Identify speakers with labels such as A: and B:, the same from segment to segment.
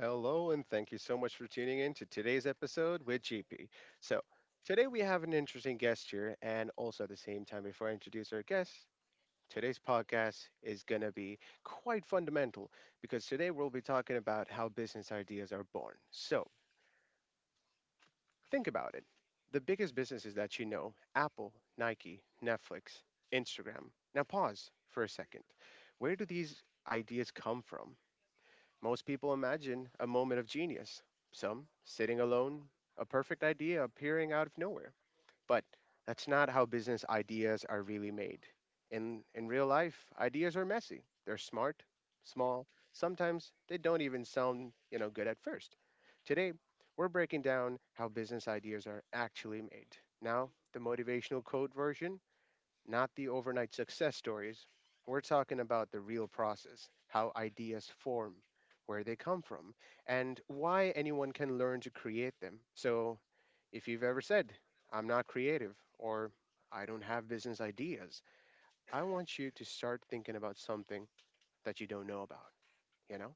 A: Hello, and thank you so much for tuning in to today's episode with GP. So, today we have an interesting guest here, and also at the same time, before I introduce our guest, today's podcast is going to be quite fundamental because today we'll be talking about how business ideas are born. So, think about it, the biggest businesses that you know, Apple, Nike, Netflix, Instagram. Now, pause for a second. Where do these ideas come from? Most people imagine a moment of genius, some sitting alone, a perfect idea appearing out of nowhere. But that's not how business ideas are really made. In real life, ideas are messy. They're smart, small, sometimes they don't even sound, you know, good at first. Today, we're breaking down how business ideas are actually made. Now, the motivational quote version, not the overnight success stories. We're talking about the real process, how ideas form, where they come from, and why anyone can learn to create them. So, if you've ever said, I'm not creative, or I don't have business ideas, I want you to start thinking about something that you don't know about, you know?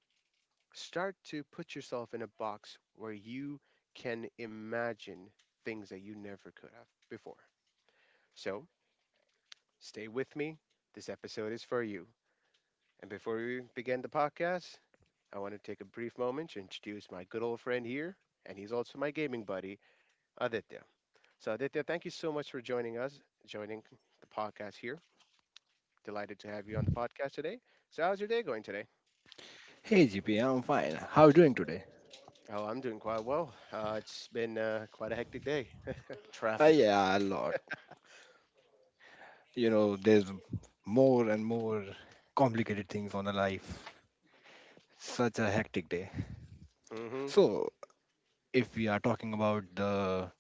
A: Start to put yourself in a box where you can imagine things that you never could have before. So, stay with me. This episode is for you. And before we begin the podcast, I want to take a brief moment to introduce my good old friend here, and he's also my gaming buddy, Aditya. So, Aditya, thank you so much for joining us, joining the podcast here. Delighted to have you on the podcast today. So, how's your day going today?
B: Hey GP, I'm fine. How are you doing today?
A: Oh, I'm doing quite well. It's been quite a hectic day. Traffic.
B: Yeah, a lot. You know, there's more and more complicated things on the life. Such a hectic day.
A: Mm-hmm.
B: So, if we are talking about the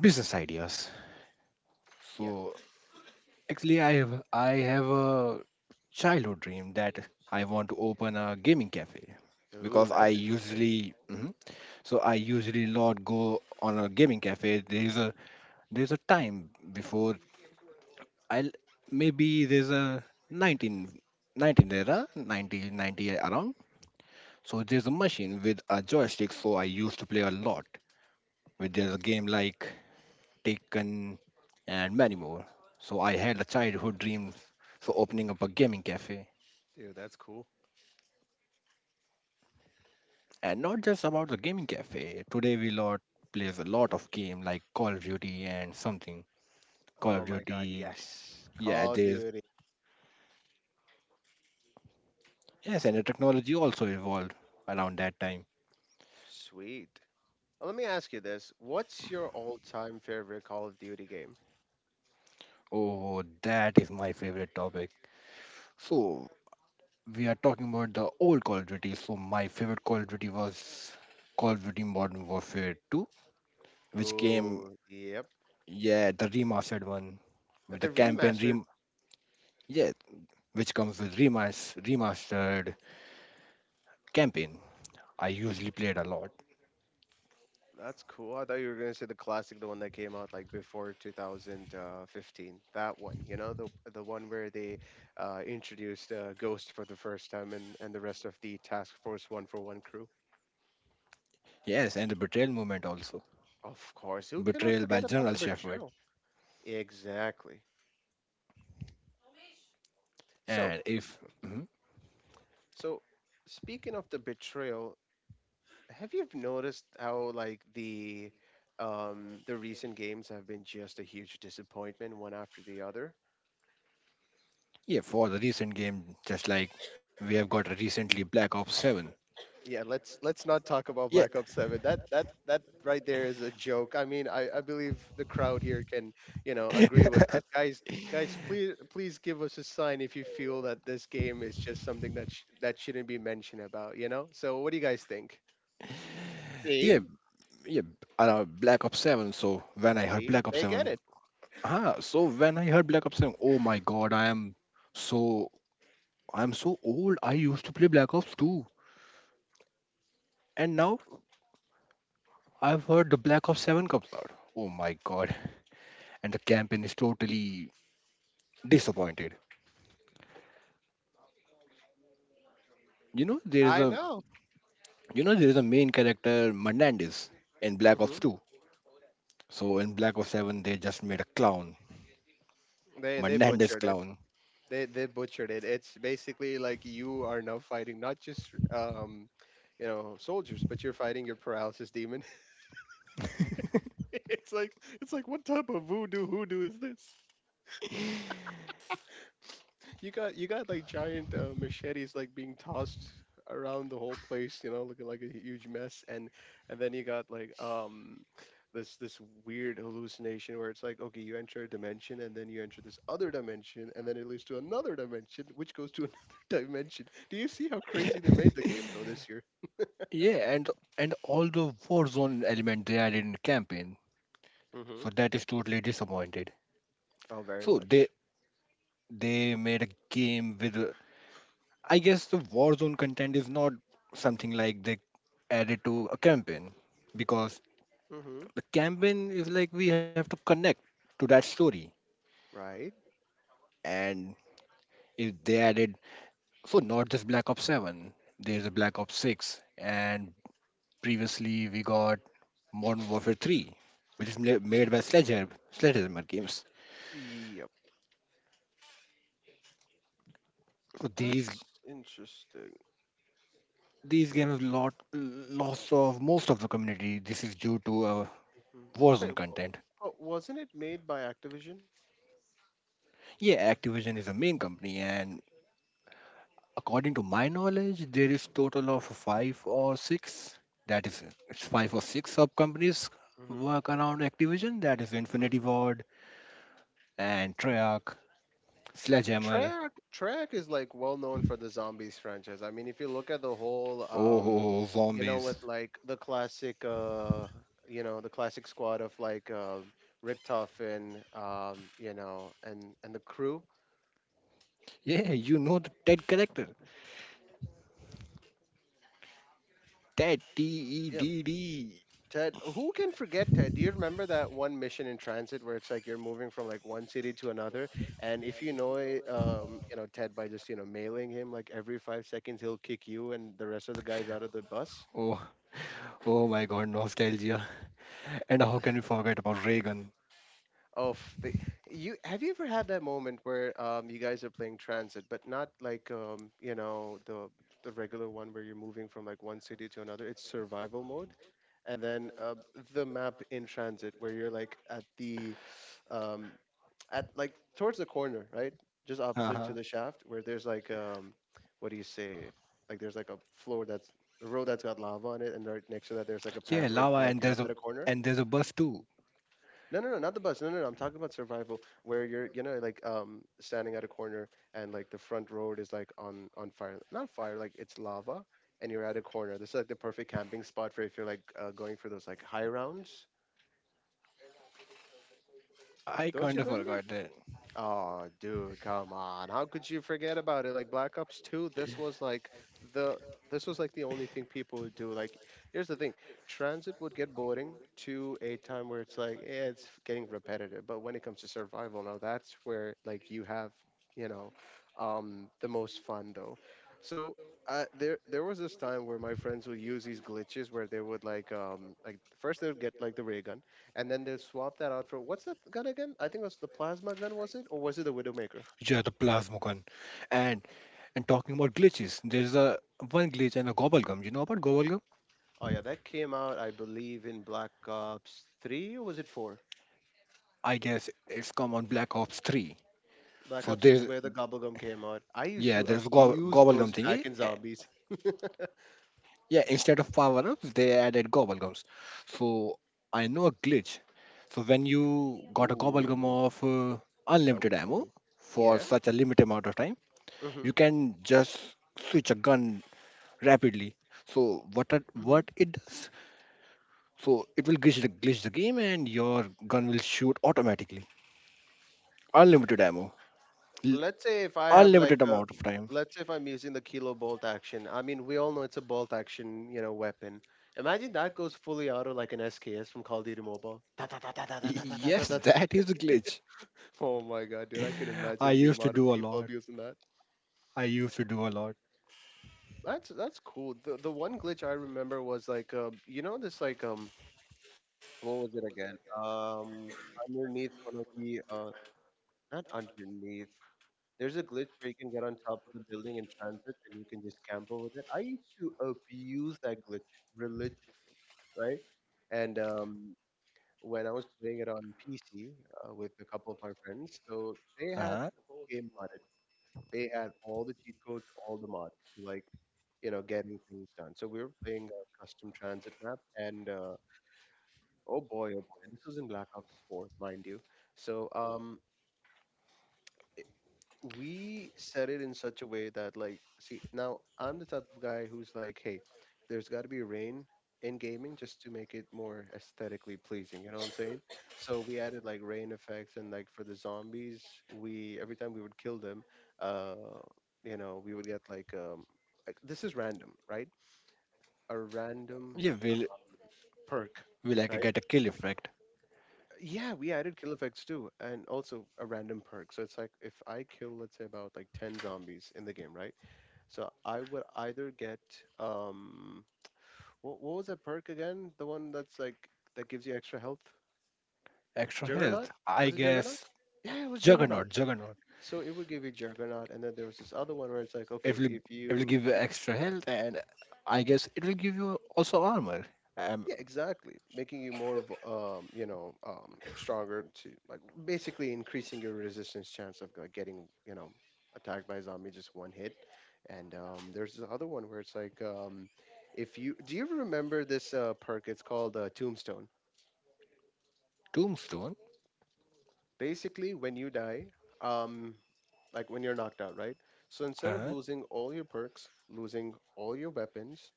B: business ideas,
A: Yeah.
B: so actually, I have a childhood dream that I want to open a gaming cafe
A: Ooh,
B: because I
A: that's interesting.
B: usually so I usually not go on a gaming cafe. There's a time before I'll maybe there's a 19, 19 era, 1990 around. So there's a machine with a joystick. So I used to play a lot with there's a game like Taken and many more. So I had a childhood dream for opening up a gaming cafe,
A: Dude, that's cool.
B: and not just about the gaming cafe. Today we lot plays a lot of game like Call of Duty and something Call
A: Oh
B: of
A: my God,
B: Duty.
A: yes.
B: Yeah,
A: Call of
B: there's
A: Duty.
B: yes, and the technology also evolved around that time.
A: Sweet. Let me ask you this. What's your all-time favorite Call of Duty game?
B: Oh, that is my favorite topic. So we are talking about the old Call of Duty. So my favorite Call of Duty was Call of Duty Modern Warfare 2, which came,
A: Oh, yep.
B: yeah, the remastered one with
A: The
B: the campaign
A: remastered,
B: rem yeah, which comes with remastered campaign. I usually played a lot.
A: that's cool. I thought you were gonna say the classic, the one that came out like before 2015. That one, you know, the one where they introduced Ghost for the first time and the rest of the Task Force One for One crew.
B: Yes, and the betrayal movement also.
A: Of course, who cannot
B: Betrayal by
A: forget about
B: General
A: the
B: Shepard.
A: betrayal? Exactly. So,
B: And if Mhm.
A: so speaking of the betrayal, have you noticed how like the recent games have been just a huge disappointment one after the other?
B: Yeah, for the recent game, just like we have got recently Black Ops 7.
A: Yeah, let's not talk about
B: Yeah,
A: Black Ops 7. That right there is a joke. I mean, I believe the crowd here can, you know, agree with us. Guys, guys, please give us a sign if you feel that this game is just something that that shouldn't be mentioned about, you know? So what do you guys think?
B: yeah,
A: See,
B: yeah. Around Black Ops 7. So when I heard
A: see
B: Black Ops
A: they get
B: 7,
A: it.
B: So when I heard Black Ops, oh my god, so I'm so old. I used to play Black Ops 2, and now I've heard the Black Ops 7 comes out. Oh my god, and the campaign is totally disappointed. You know there is
A: I
B: a
A: know.
B: you know there is a main character Menendez in Black Ops
A: Hmm.
B: 2. So in Black Ops 7, they just made a clown,
A: They
B: Menendez
A: butchered it.
B: clown.
A: They butchered it. It's basically like you are now fighting not just you know, soldiers, but you're fighting your paralysis demon. It's like, it's like what type of voodoo hoodoo is this? You got like giant machetes like being tossed around the whole place, you know, looking like a huge mess, and then you got like this weird hallucination where it's like okay, you enter a dimension and then you enter this other dimension and then it leads to another dimension, which goes to another dimension. Do you see how crazy they made the game though this year?
B: Yeah, and all the Warzone element they added in the campaign, so
A: Mm-hmm.
B: that is totally disappointed.
A: Oh, very
B: So they
A: much.
B: they made a game with I guess the Warzone content is not something like they added to a campaign because
A: Mm-hmm.
B: the campaign is like we have to connect to that story,
A: Right.
B: and if they added, so not just Black Ops 7, there's a Black Ops 6 and previously we got Modern Warfare 3, which is made by Sledgehammer games.
A: Yep.
B: So these
A: That's interesting.
B: these games lot lost of most of the community. This is due to
A: Mhm.
B: Warzone
A: But,
B: content.
A: but wasn't it made by Activision?
B: Yeah, Activision is a main company, and according to my knowledge, there is total of five or six. That is, it's five or six sub companies
A: Hmm.
B: work around Activision. That is Infinity
A: Hmm.
B: Ward and Treyarch, Sledgehammer.
A: Treyarch, Treyarch is like well known for the zombies franchise. I mean, if you look at the whole,
B: Oh, ho, ho,
A: you know,
B: zombies!
A: with like the classic, you know, the classic squad of like Rick Toffin, you know, and the crew.
B: Yeah, you know the Ted character. Ted T E
A: Yeah,
B: D D.
A: Ted, who can forget Ted? Do you remember that one mission in transit where it's like you're moving from like one city to another, and if you know it, you know Ted by just you know mailing him like every 5 seconds, he'll kick you and the rest of the guys out of the bus.
B: Oh, oh my God, nostalgia. And how can we forget about Reagan?
A: Oh, you have, you ever had that moment where you guys are playing transit, but not like you know the regular one where you're moving from like one city to another. It's survival mode and then the map in transit where you're like at the um, at like towards the corner, right? Just opposite to
B: Uh-huh.
A: the shaft where there's like um, what do you say? Like there's like a floor that's a road that's got lava on it and right next to that there's like a
B: Yeah,
A: path where you
B: lava,
A: can like camp at a corner.
B: and there's a bus too.
A: No, not the bus. No, I'm talking about survival where you're you know like standing at a corner and like the front road is like on fire. Not fire, like it's lava and you're at a corner. This is like the perfect camping spot for if you're like going for those like high rounds.
B: I
A: Don't
B: kind
A: you
B: of
A: remember?
B: forgot that.
A: Oh, dude, come on. How could you forget about it? Like Black Ops 2, this was like the, this was like the only thing people would do. Like here's the thing. Transit would get boring to a time where it's like, yeah, it's getting repetitive. But when it comes to survival, now that's where like you have, you know, the most fun though. So there was this time where my friends would use these glitches where they would like first they would get like the ray gun, and then they'll swap that out for what's that gun again? I think it was the plasma gun, was it, or was it the Widowmaker?
B: Yeah, the plasma Plasmocon. And and talking about glitches, there's a one glitch and a gobblegum. You know about gobblegum?
A: Oh yeah, that came out, I believe, in Black Ops Three or was it Four?
B: I guess it's come on Black Ops 3.
A: Black
B: So
A: Ops is
B: there's
A: where the gobblegum came out. I used
B: yeah,
A: to abuse
B: gobblegum
A: those
B: thingy.
A: back in zombies.
B: Yeah, instead of power ups, they added gobblegums. So I know a glitch. So when you got a gobblegum
A: Ooh,
B: of
A: tell me,
B: unlimited
A: tell
B: ammo
A: me.
B: for
A: Yeah.
B: such a limited amount of time,
A: Mm-hmm.
B: you can just switch a gun rapidly. So
A: Mm-hmm.
B: what it does? So it will glitch the game and your gun will shoot automatically. Unlimited ammo. L-
A: Let's say if I have like
B: unlimited
A: a,
B: amount of time.
A: let's say if I'm using the kilo bolt action. I mean, we all know it's a bolt action, you know, weapon. Imagine that goes fully auto like an SKS from Call of Duty Mobile.
B: Yes, that is a glitch.
A: Oh my god, dude! I can
B: I
A: imagine the
B: used to
A: amount of
B: do a
A: people
B: lot.
A: abusing that.
B: I used to do a lot.
A: That's cool. The one glitch I remember was like, you know, this like what was it again? Um, underneath one of the not underneath. There's a glitch where you can get on top of the building in transit and you can just camp over it. I used to abuse that glitch religiously, right? And when I was playing it on PC with a couple of my friends, so they had
B: Uh-huh.
A: the game modded. They had all the cheat codes, all the mods to like, you know, getting things done. So we were playing a custom transit map, and oh boy, this was in Black Ops 4, mind you. So we set it in such a way that like, see, now I'm the type of guy who's like, hey, there's got to be rain in gaming just to make it more aesthetically pleasing, you know what I'm saying? So we added like rain effects and like for the zombies, we every time we would kill them, uh, you know, we would get like um, like this is random, right? A random
B: Yeah, will
A: perk,
B: will I
A: right?
B: get a kill effect?
A: Yeah, we added kill effects too and also a random perk. So it's like if I kill, let's say about like 10 zombies in the game, right? So I would either get um, what was that perk again? The one that's like that gives you extra health?
B: Extra
A: Juggernaut?
B: health. I
A: Was it Juggernaut?
B: guess
A: Yeah, it was Juggernaut.
B: juggernaut, juggernaut.
A: So it would give you Juggernaut, and then there was this other one where it's like,
B: It
A: okay,
B: will
A: if
B: it will
A: you
B: give you
A: shoot.
B: extra health, and I guess it will give you also armor. Um,
A: Yeah, exactly. Making you more, you know, stronger to like basically increasing your resistance chance of like getting, you know, attacked by a zombie just one hit. And there's this other one where it's like, if you do you remember this perk? It's called Tombstone.
B: Tombstone.
A: Basically, when you die, um, like when you're knocked out, right? So instead of
B: Uh-huh.
A: losing all your perks, losing all your weapons,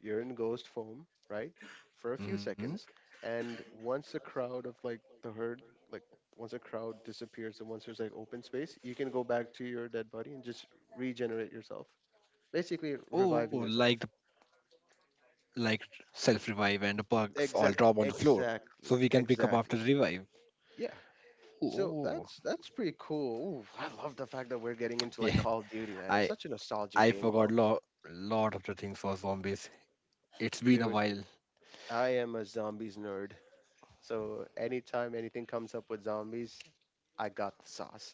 A: you're in ghost form, right? For a few
B: hmm
A: seconds, and once the crowd of like the herd, like once a crowd disappears and once there's like open space, you can go back to your dead body and just regenerate yourself. Basically
B: Oh,
A: reviving
B: like
A: yourself.
B: like self revive and the bugs all
A: Exact
B: drop on the floor
A: exactly.
B: so we can pick up after
A: Exactly.
B: the revive.
A: Yeah. So
B: Oh,
A: that's pretty cool. Ooh, I love the fact that we're getting into like
B: yeah.
A: Call of Duty, man.
B: i
A: It's such a nostalgic
B: i
A: game
B: forgot
A: though.
B: lot of the things for zombies. It's been a
A: Dude,
B: while.
A: I am a zombies nerd. So anytime anything comes up with zombies, I got the sauce.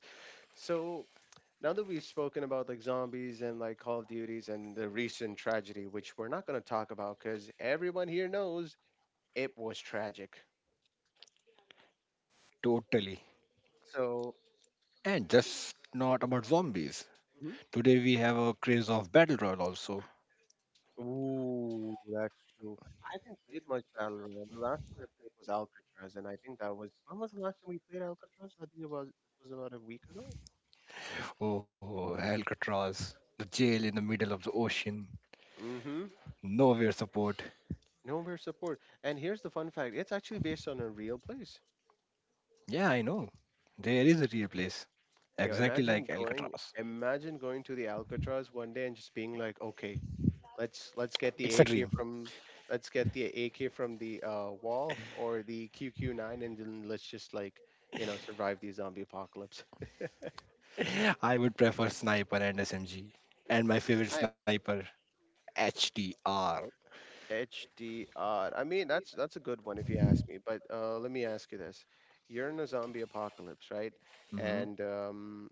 A: So now that we've spoken about like zombies and like Call of Duties and the recent tragedy, which we're not going to talk about because everyone here knows it was tragic.
B: Totally.
A: So,
B: And just not about zombies,
A: mhm.
B: today we have a craze of battle royale also.
A: Ooh, that's true. I haven't played much Battle Royale. The last one I played was Alcatraz, and I think that was, when was the last time we played Alcatraz? I think it was about a week ago.
B: Oh, Alcatraz, the jail in the middle of the ocean.
A: Mm-hmm.
B: Nowhere support.
A: Nowhere support. And here's the fun fact: it's actually based on a real place.
B: Yeah, I know, there is a real place
A: Yeah,
B: exactly
A: imagine
B: like
A: going,
B: Alcatraz.
A: imagine going to the Alcatraz one day and just being like, okay, let's get the
B: It's a
A: AK
B: dream.
A: from, let's get the AK from the wall, or the QQ9, and then let's just like survive the zombie apocalypse.
B: I would prefer sniper and SMG, and my
A: That's
B: favorite
A: not
B: sniper HDR.
A: HDR. I mean, that's a good one if you ask me. But let me ask you this: you're in a zombie apocalypse, right?
B: Mhm.
A: And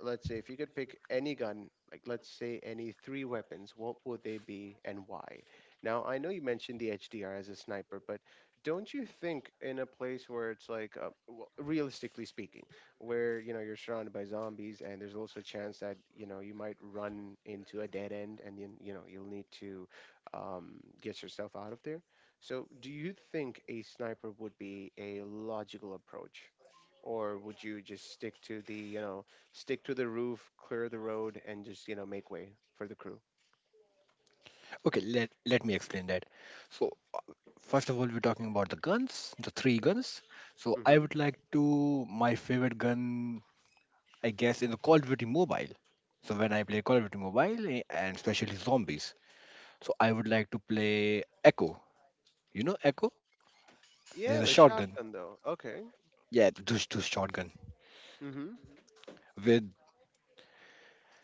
A: let's say if you could pick any gun, like let's say any three weapons, what would they be and why? Now, I know you mentioned the HDR as a sniper, but don't you think in a place where it's like, well, realistically speaking, where you're surrounded by zombies and there's also a chance that you might run into a dead end and then you'll need to get yourself out of there. So, do you think a sniper would be a logical approach? Or would you just stick to the, stick to the roof, clear the road, and just make way for the crew.
B: Okay, let me explain that. So first of all, we're talking about the guns, the three guns. So I
A: Hmm.
B: would like to my favorite gun, I guess, is the Call of Duty Mobile. So when I play Call of Duty Mobile and especially zombies, so I would like to play Echo. You know Echo? There's a
A: Yeah, the
B: shotgun.
A: shotgun though. Okay.
B: Yeah, the dush dush shotgun
A: Hmm.
B: with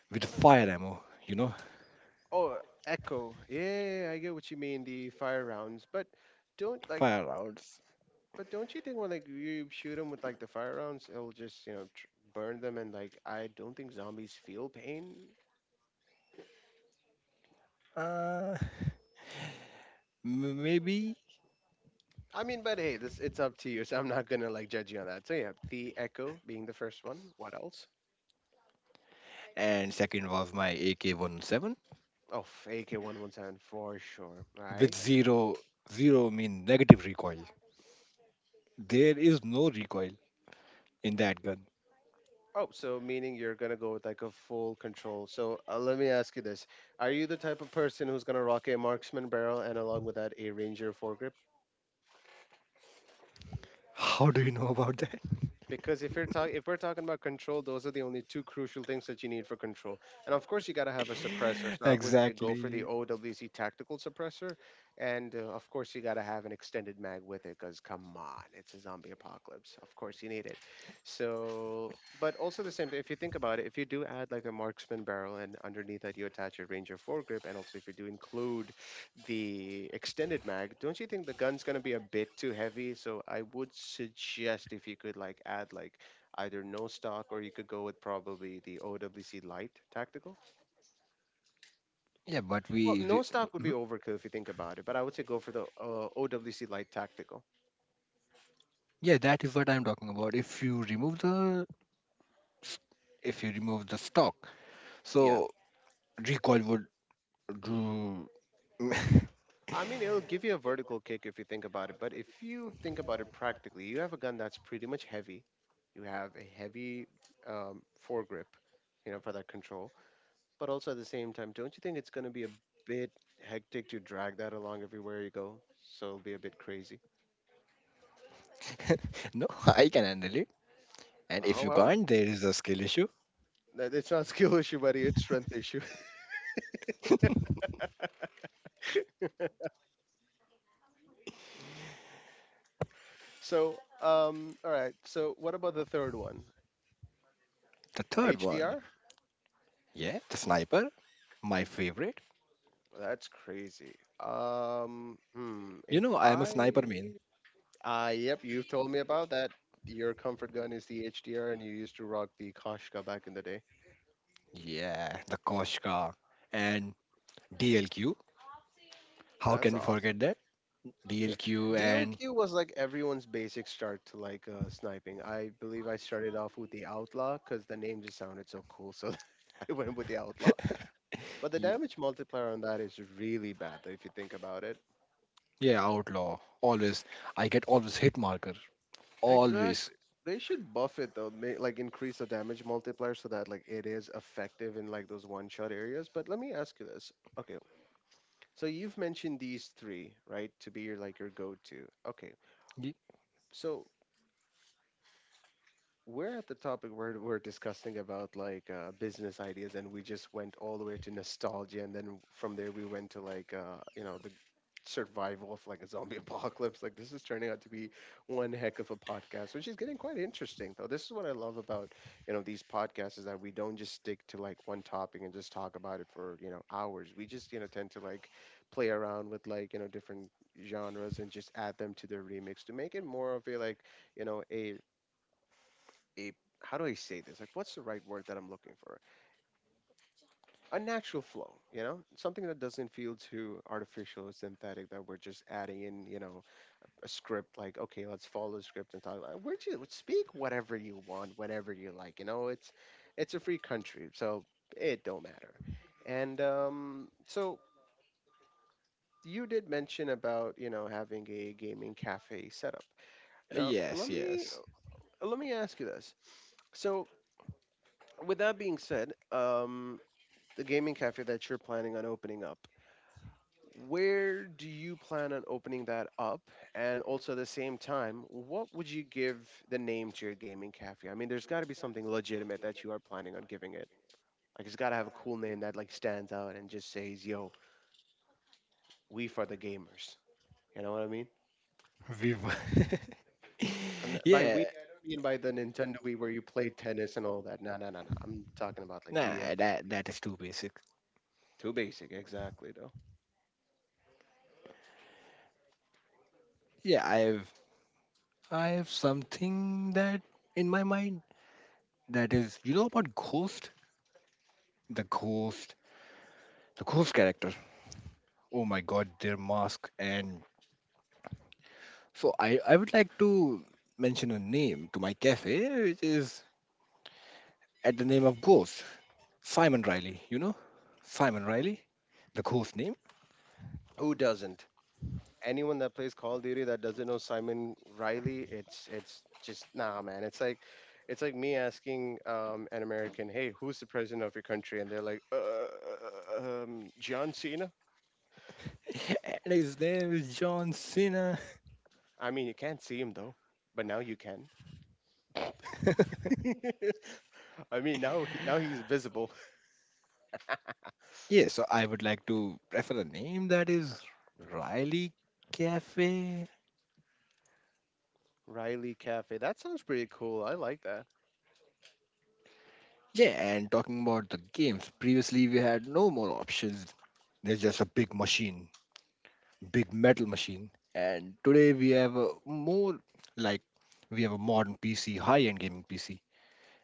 B: with fire ammo. You know,
A: Oh, echo. Yeah, yeah, yeah, I get what you mean. The fire rounds, but don't like.
B: fire rounds.
A: But don't you think when like you shoot them with like the fire rounds, it'll just burn them, and like I don't think zombies feel pain.
B: Uh, Maybe.
A: I mean, but hey, this, it's up to you, so I'm not gonna like judge you on that. So yeah, the echo being the first one. What else?
B: And second was my AK-47
A: Oh, AK 117 for sure,
B: with
A: right?
B: zero, zero mean negative recoil. There is no recoil in that gun.
A: Oh, so meaning you're gonna go with like a full control. So let me ask you this: are you the type of person who's gonna rock a marksman barrel and along with that a ranger foregrip?
B: How do you know about that?
A: Because if you're talking, if we're talking about control, those are the only two crucial things that you need for control, and of course you got to have a suppressor, so I would say go for the
B: Exactly.
A: OWC tactical suppressor, and of course you got to have an extended mag with it because come on, it's a zombie apocalypse, of course you need it. So but also the same thing, if you think about it, if you do add like a marksman barrel and underneath that you attach a ranger foregrip, and also if you do include the extended mag, don't you think the gun's gonna be a bit too heavy? So I would suggest if you could like add like either no stock, or you could go with probably the OWC light tactical.
B: Yeah, but
A: Well,
B: we.
A: no
B: Re-
A: stock would be
B: Mhm.
A: overkill if you think about it, but I would say go for the OWC light tactical.
B: Yeah, that is what I'm talking about. If you s- if you remove the stock,
A: Yeah.
B: so recoil would do.
A: I mean, it'll give you a vertical kick if you think about it, but if you think about it practically, you have a gun that's pretty much heavy. You have a heavy um, foregrip, you know, for that control. But also at the same time, don't you think it's going to be a bit hectic to drag that along everywhere you go? So it'll be a bit crazy.
B: No, I can handle it. And if
A: Oh
B: you
A: well,
B: can't, there is a skill issue.
A: it's not skill issue, buddy. It's strength issue. So, all right. So what about the third one?
B: The third one.
A: HDR?
B: Yeah, the sniper, my favorite.
A: That's crazy. Hmm.
B: You
A: If
B: know, I am a
A: I,
B: sniper man.
A: ah, yep, you've told me about that. Your comfort gun is the HDR, and you used to rock the Koshka back in the day.
B: Yeah, the Koshka and DLQ. How
A: That's
B: can we
A: awesome.
B: forget that?
A: D-
B: DLQ and
A: DOQ was like everyone's basic start to like sniping. I believe I started off with the Outlaw because the name just sounded so cool, so I went with the Outlaw. But the
B: y-
A: damage multiplier on that is really bad though, if you think about it.
B: yeah, Outlaw. Always. I get always hit marker. Always.
A: Exactly. They should buff it though, like increase the damage multiplier so that like it is effective in like those one shot areas. But let me ask you this. Okay, so you've mentioned these three, right, to be your like your go to. Okay,
B: Y-
A: so we're at the topic where we're discussing about like business ideas, and we just went all the way to nostalgia, and then from there we went to like the survival of like a zombie apocalypse. Like this is turning out to be one heck of a podcast, which is getting quite interesting though. This is what I love about these podcasts, is that we don't just stick to like one topic and just talk about it for hours. We just tend to like play around with like different genres and just add them to their remix to make it more of a like you know a a how do I say this? Like, what's the right word that I'm looking for? A natural flow, you know, something that doesn't feel too artificial or synthetic that we're just adding in, you know, a script like, okay, let's follow the script and talk. Like, we're just speak whatever you want, whenever you like. You know, it's a free country, so it don't matter. And so you did mention about having a gaming cafe setup. Now let
B: Yes,
A: me
B: yes.
A: let me ask you this. So with that being said, the gaming cafe that you're planning on opening up. Where do you plan on opening that up? And also at the same time, what would you give the name to your gaming cafe? I mean, there's got to be something legitimate that you are planning on giving it. Like it's got to have a cool name that like stands out and just says, "Yo, we for the gamers." You know what I mean?
B: We were-
A: I'm not, by
B: Yeah,
A: we I mean by the Nintendo Wii where you played tennis and all that. No, no, no, no. I'm talking about like we as
B: nah,
A: in the
B: that
A: people.
B: that is too basic.
A: Too basic, exactly though.
B: Yeah, I have something that in my mind, that is, you know about Ghost? The Ghost, the Ghost character. Oh my God, their mask. And so I would like to mention a name to my cafe, which is at the name of Ghost, Simon Riley. You know, Simon Riley, the ghost name.
A: Who doesn't? Anyone that plays Call of Duty that doesn't know Simon Riley, it's just nah, man. It's like me asking an American, "Hey, who's the president of your country?" And they're like, "John Cena."
B: And his name is John Cena.
A: I mean, you can't see him though, but now you can. I mean, now he, now he's visible.
B: Yeah, so I would like to prefer a name that is Riley Cafe.
A: Riley Cafe. That sounds pretty cool. I like that.
B: Yeah, and talking about the games, previously we had no more options. There's just a big machine, big metal machine. And today we have a more like we have a modern PC, high-end gaming PC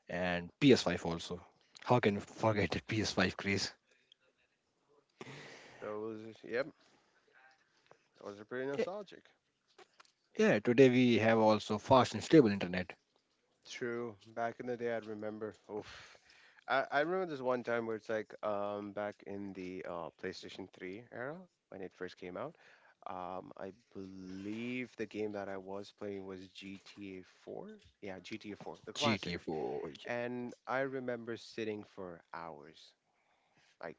B: and PS5 also. How can we forget the PS5 craze?
A: Those, yep, those are pretty
B: Y-
A: nostalgic.
B: Yeah, today we have also fast and stable internet.
A: True. Back in the day, I'd remember. Oof. I remember this one time where it's like back in the PlayStation 3 era when it first came out. I believe the game that I was playing was GTA 4. Yeah, GTA 4, the classic.
B: GTFO.
A: And I remember sitting for hours, like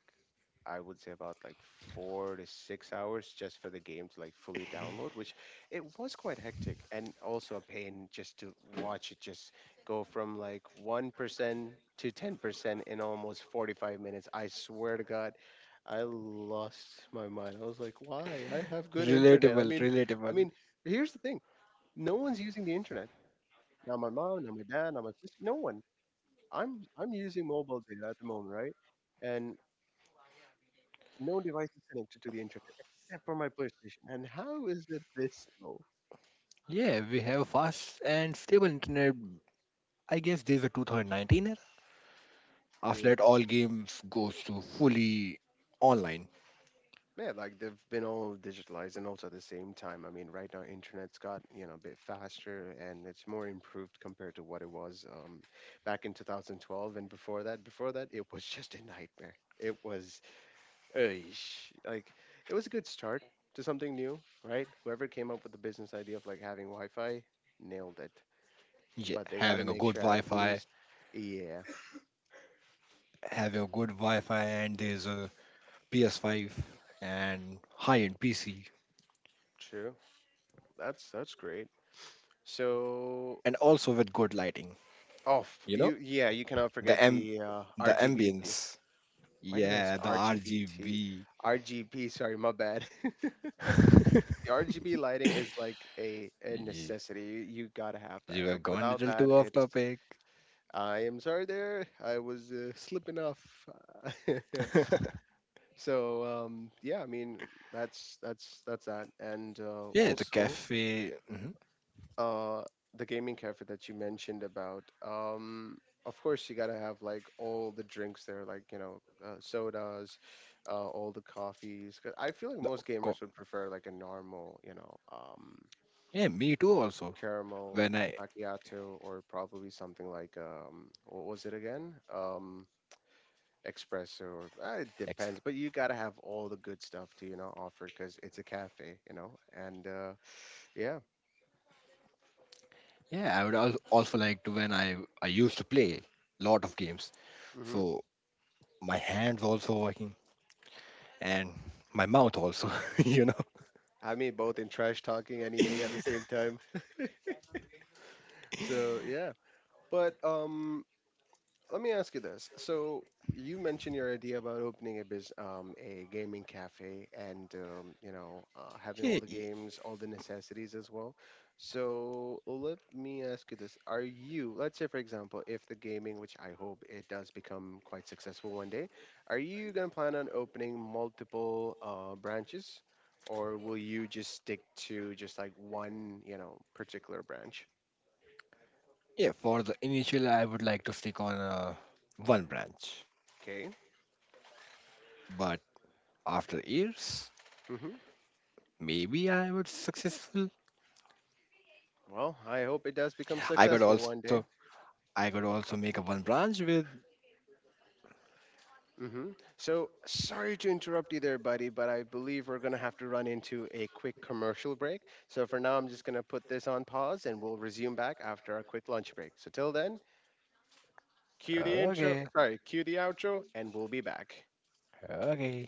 A: I would say about like 4 to 6 hours just for the game to like fully download, which it was quite hectic and also a pain just to watch it just go from like 1% to 10% in almost 45 minutes. I swear to God, I lost my mind. I was like, why? I have good internet. I
B: Relatable,
A: mean, I
B: relatable.
A: mean, here's the thing. No one's using the internet. Not my mom, not my dad, not my sister, no one. I'm using mobile data at the moment, right? And no device is connected to the internet except for my PlayStation. And how is it this slow?
B: Yeah, we have fast and stable internet. I guess there's a 2019 era. After
A: Yeah,
B: that, all games goes to fully online.
A: yeah, like they've been all digitalized and also at the same time. I mean, right now internet's got a bit faster and it's more improved compared to what it was back in 2012 and before that. Before that, it was just a nightmare. It was, eish, like, it was a good start to something new, right? Whoever came up with the business idea of like having Wi-Fi nailed it,
B: Yeah,
A: but they got to
B: having a
A: make
B: good
A: sure at
B: Wi-Fi,
A: least, yeah.
B: having a good Wi-Fi, and there's a PS5 and high-end PC,
A: True. That's great. So,
B: and also with good lighting.
A: oh,
B: You know
A: you, yeah, you cannot
B: the
A: forget
B: am
A: the
B: the
A: RGBT.
B: ambience.
A: Why did I
B: Yeah,
A: say
B: the
A: RGBT?
B: RGB.
A: RGB, sorry, my bad. The RGB lighting is like a
B: you,
A: necessity. You gotta have
B: you
A: that.
B: have
A: Like
B: gone a
A: without
B: little
A: that,
B: too off
A: it's
B: topic.
A: I am sorry there. I was slipping off. So yeah, I mean that's that. And
B: Yeah, the
A: also
B: cafe. Mhm,
A: uh the gaming cafe that you mentioned about, of course you gotta have like all the drinks there, like you know, sodas, all the coffees. 'Cause I feel like
B: The
A: most
B: co-
A: gamers would prefer like a normal,
B: yeah, me too. Also,
A: caramel
B: when I
A: macchiato, or probably something like what was it again, espresso, or it
B: ex-
A: depends, but you gotta have all the good stuff to offer because it's a cafe, and yeah.
B: yeah, I would also like to, when I used to play lot of games.
A: Mm-hmm.
B: So my hands also working and my mouth also. You know.
A: I mean, both in trash talking and eating at the same time. So yeah, but let me ask you this. So you mentioned your idea about opening a a gaming cafe, and
B: Yeah,
A: having all the games, all the necessities as well. So let me ask you this: are you, let's say, for example, if the gaming, which I hope it does become quite successful one day, are you gonna plan on opening multiple branches, or will you just stick to just like one, you know, particular branch?
B: yeah. For the initial, I would like to stick on one branch,
A: Okay.
B: but after years.
A: Hmm.
B: Maybe I would successful.
A: Well, I hope it does become
B: I could
A: successful one
B: also
A: day.
B: I could also make a one branch with.
A: Hmm. So sorry to interrupt you there, buddy, but I believe we're going to have to run into a quick commercial break. So for now, I'm just going to put this on pause and we'll resume back after our quick lunch break. So till then, cue the intro,
B: Okay,
A: sorry, cue the outro, and we'll be back.
B: okay.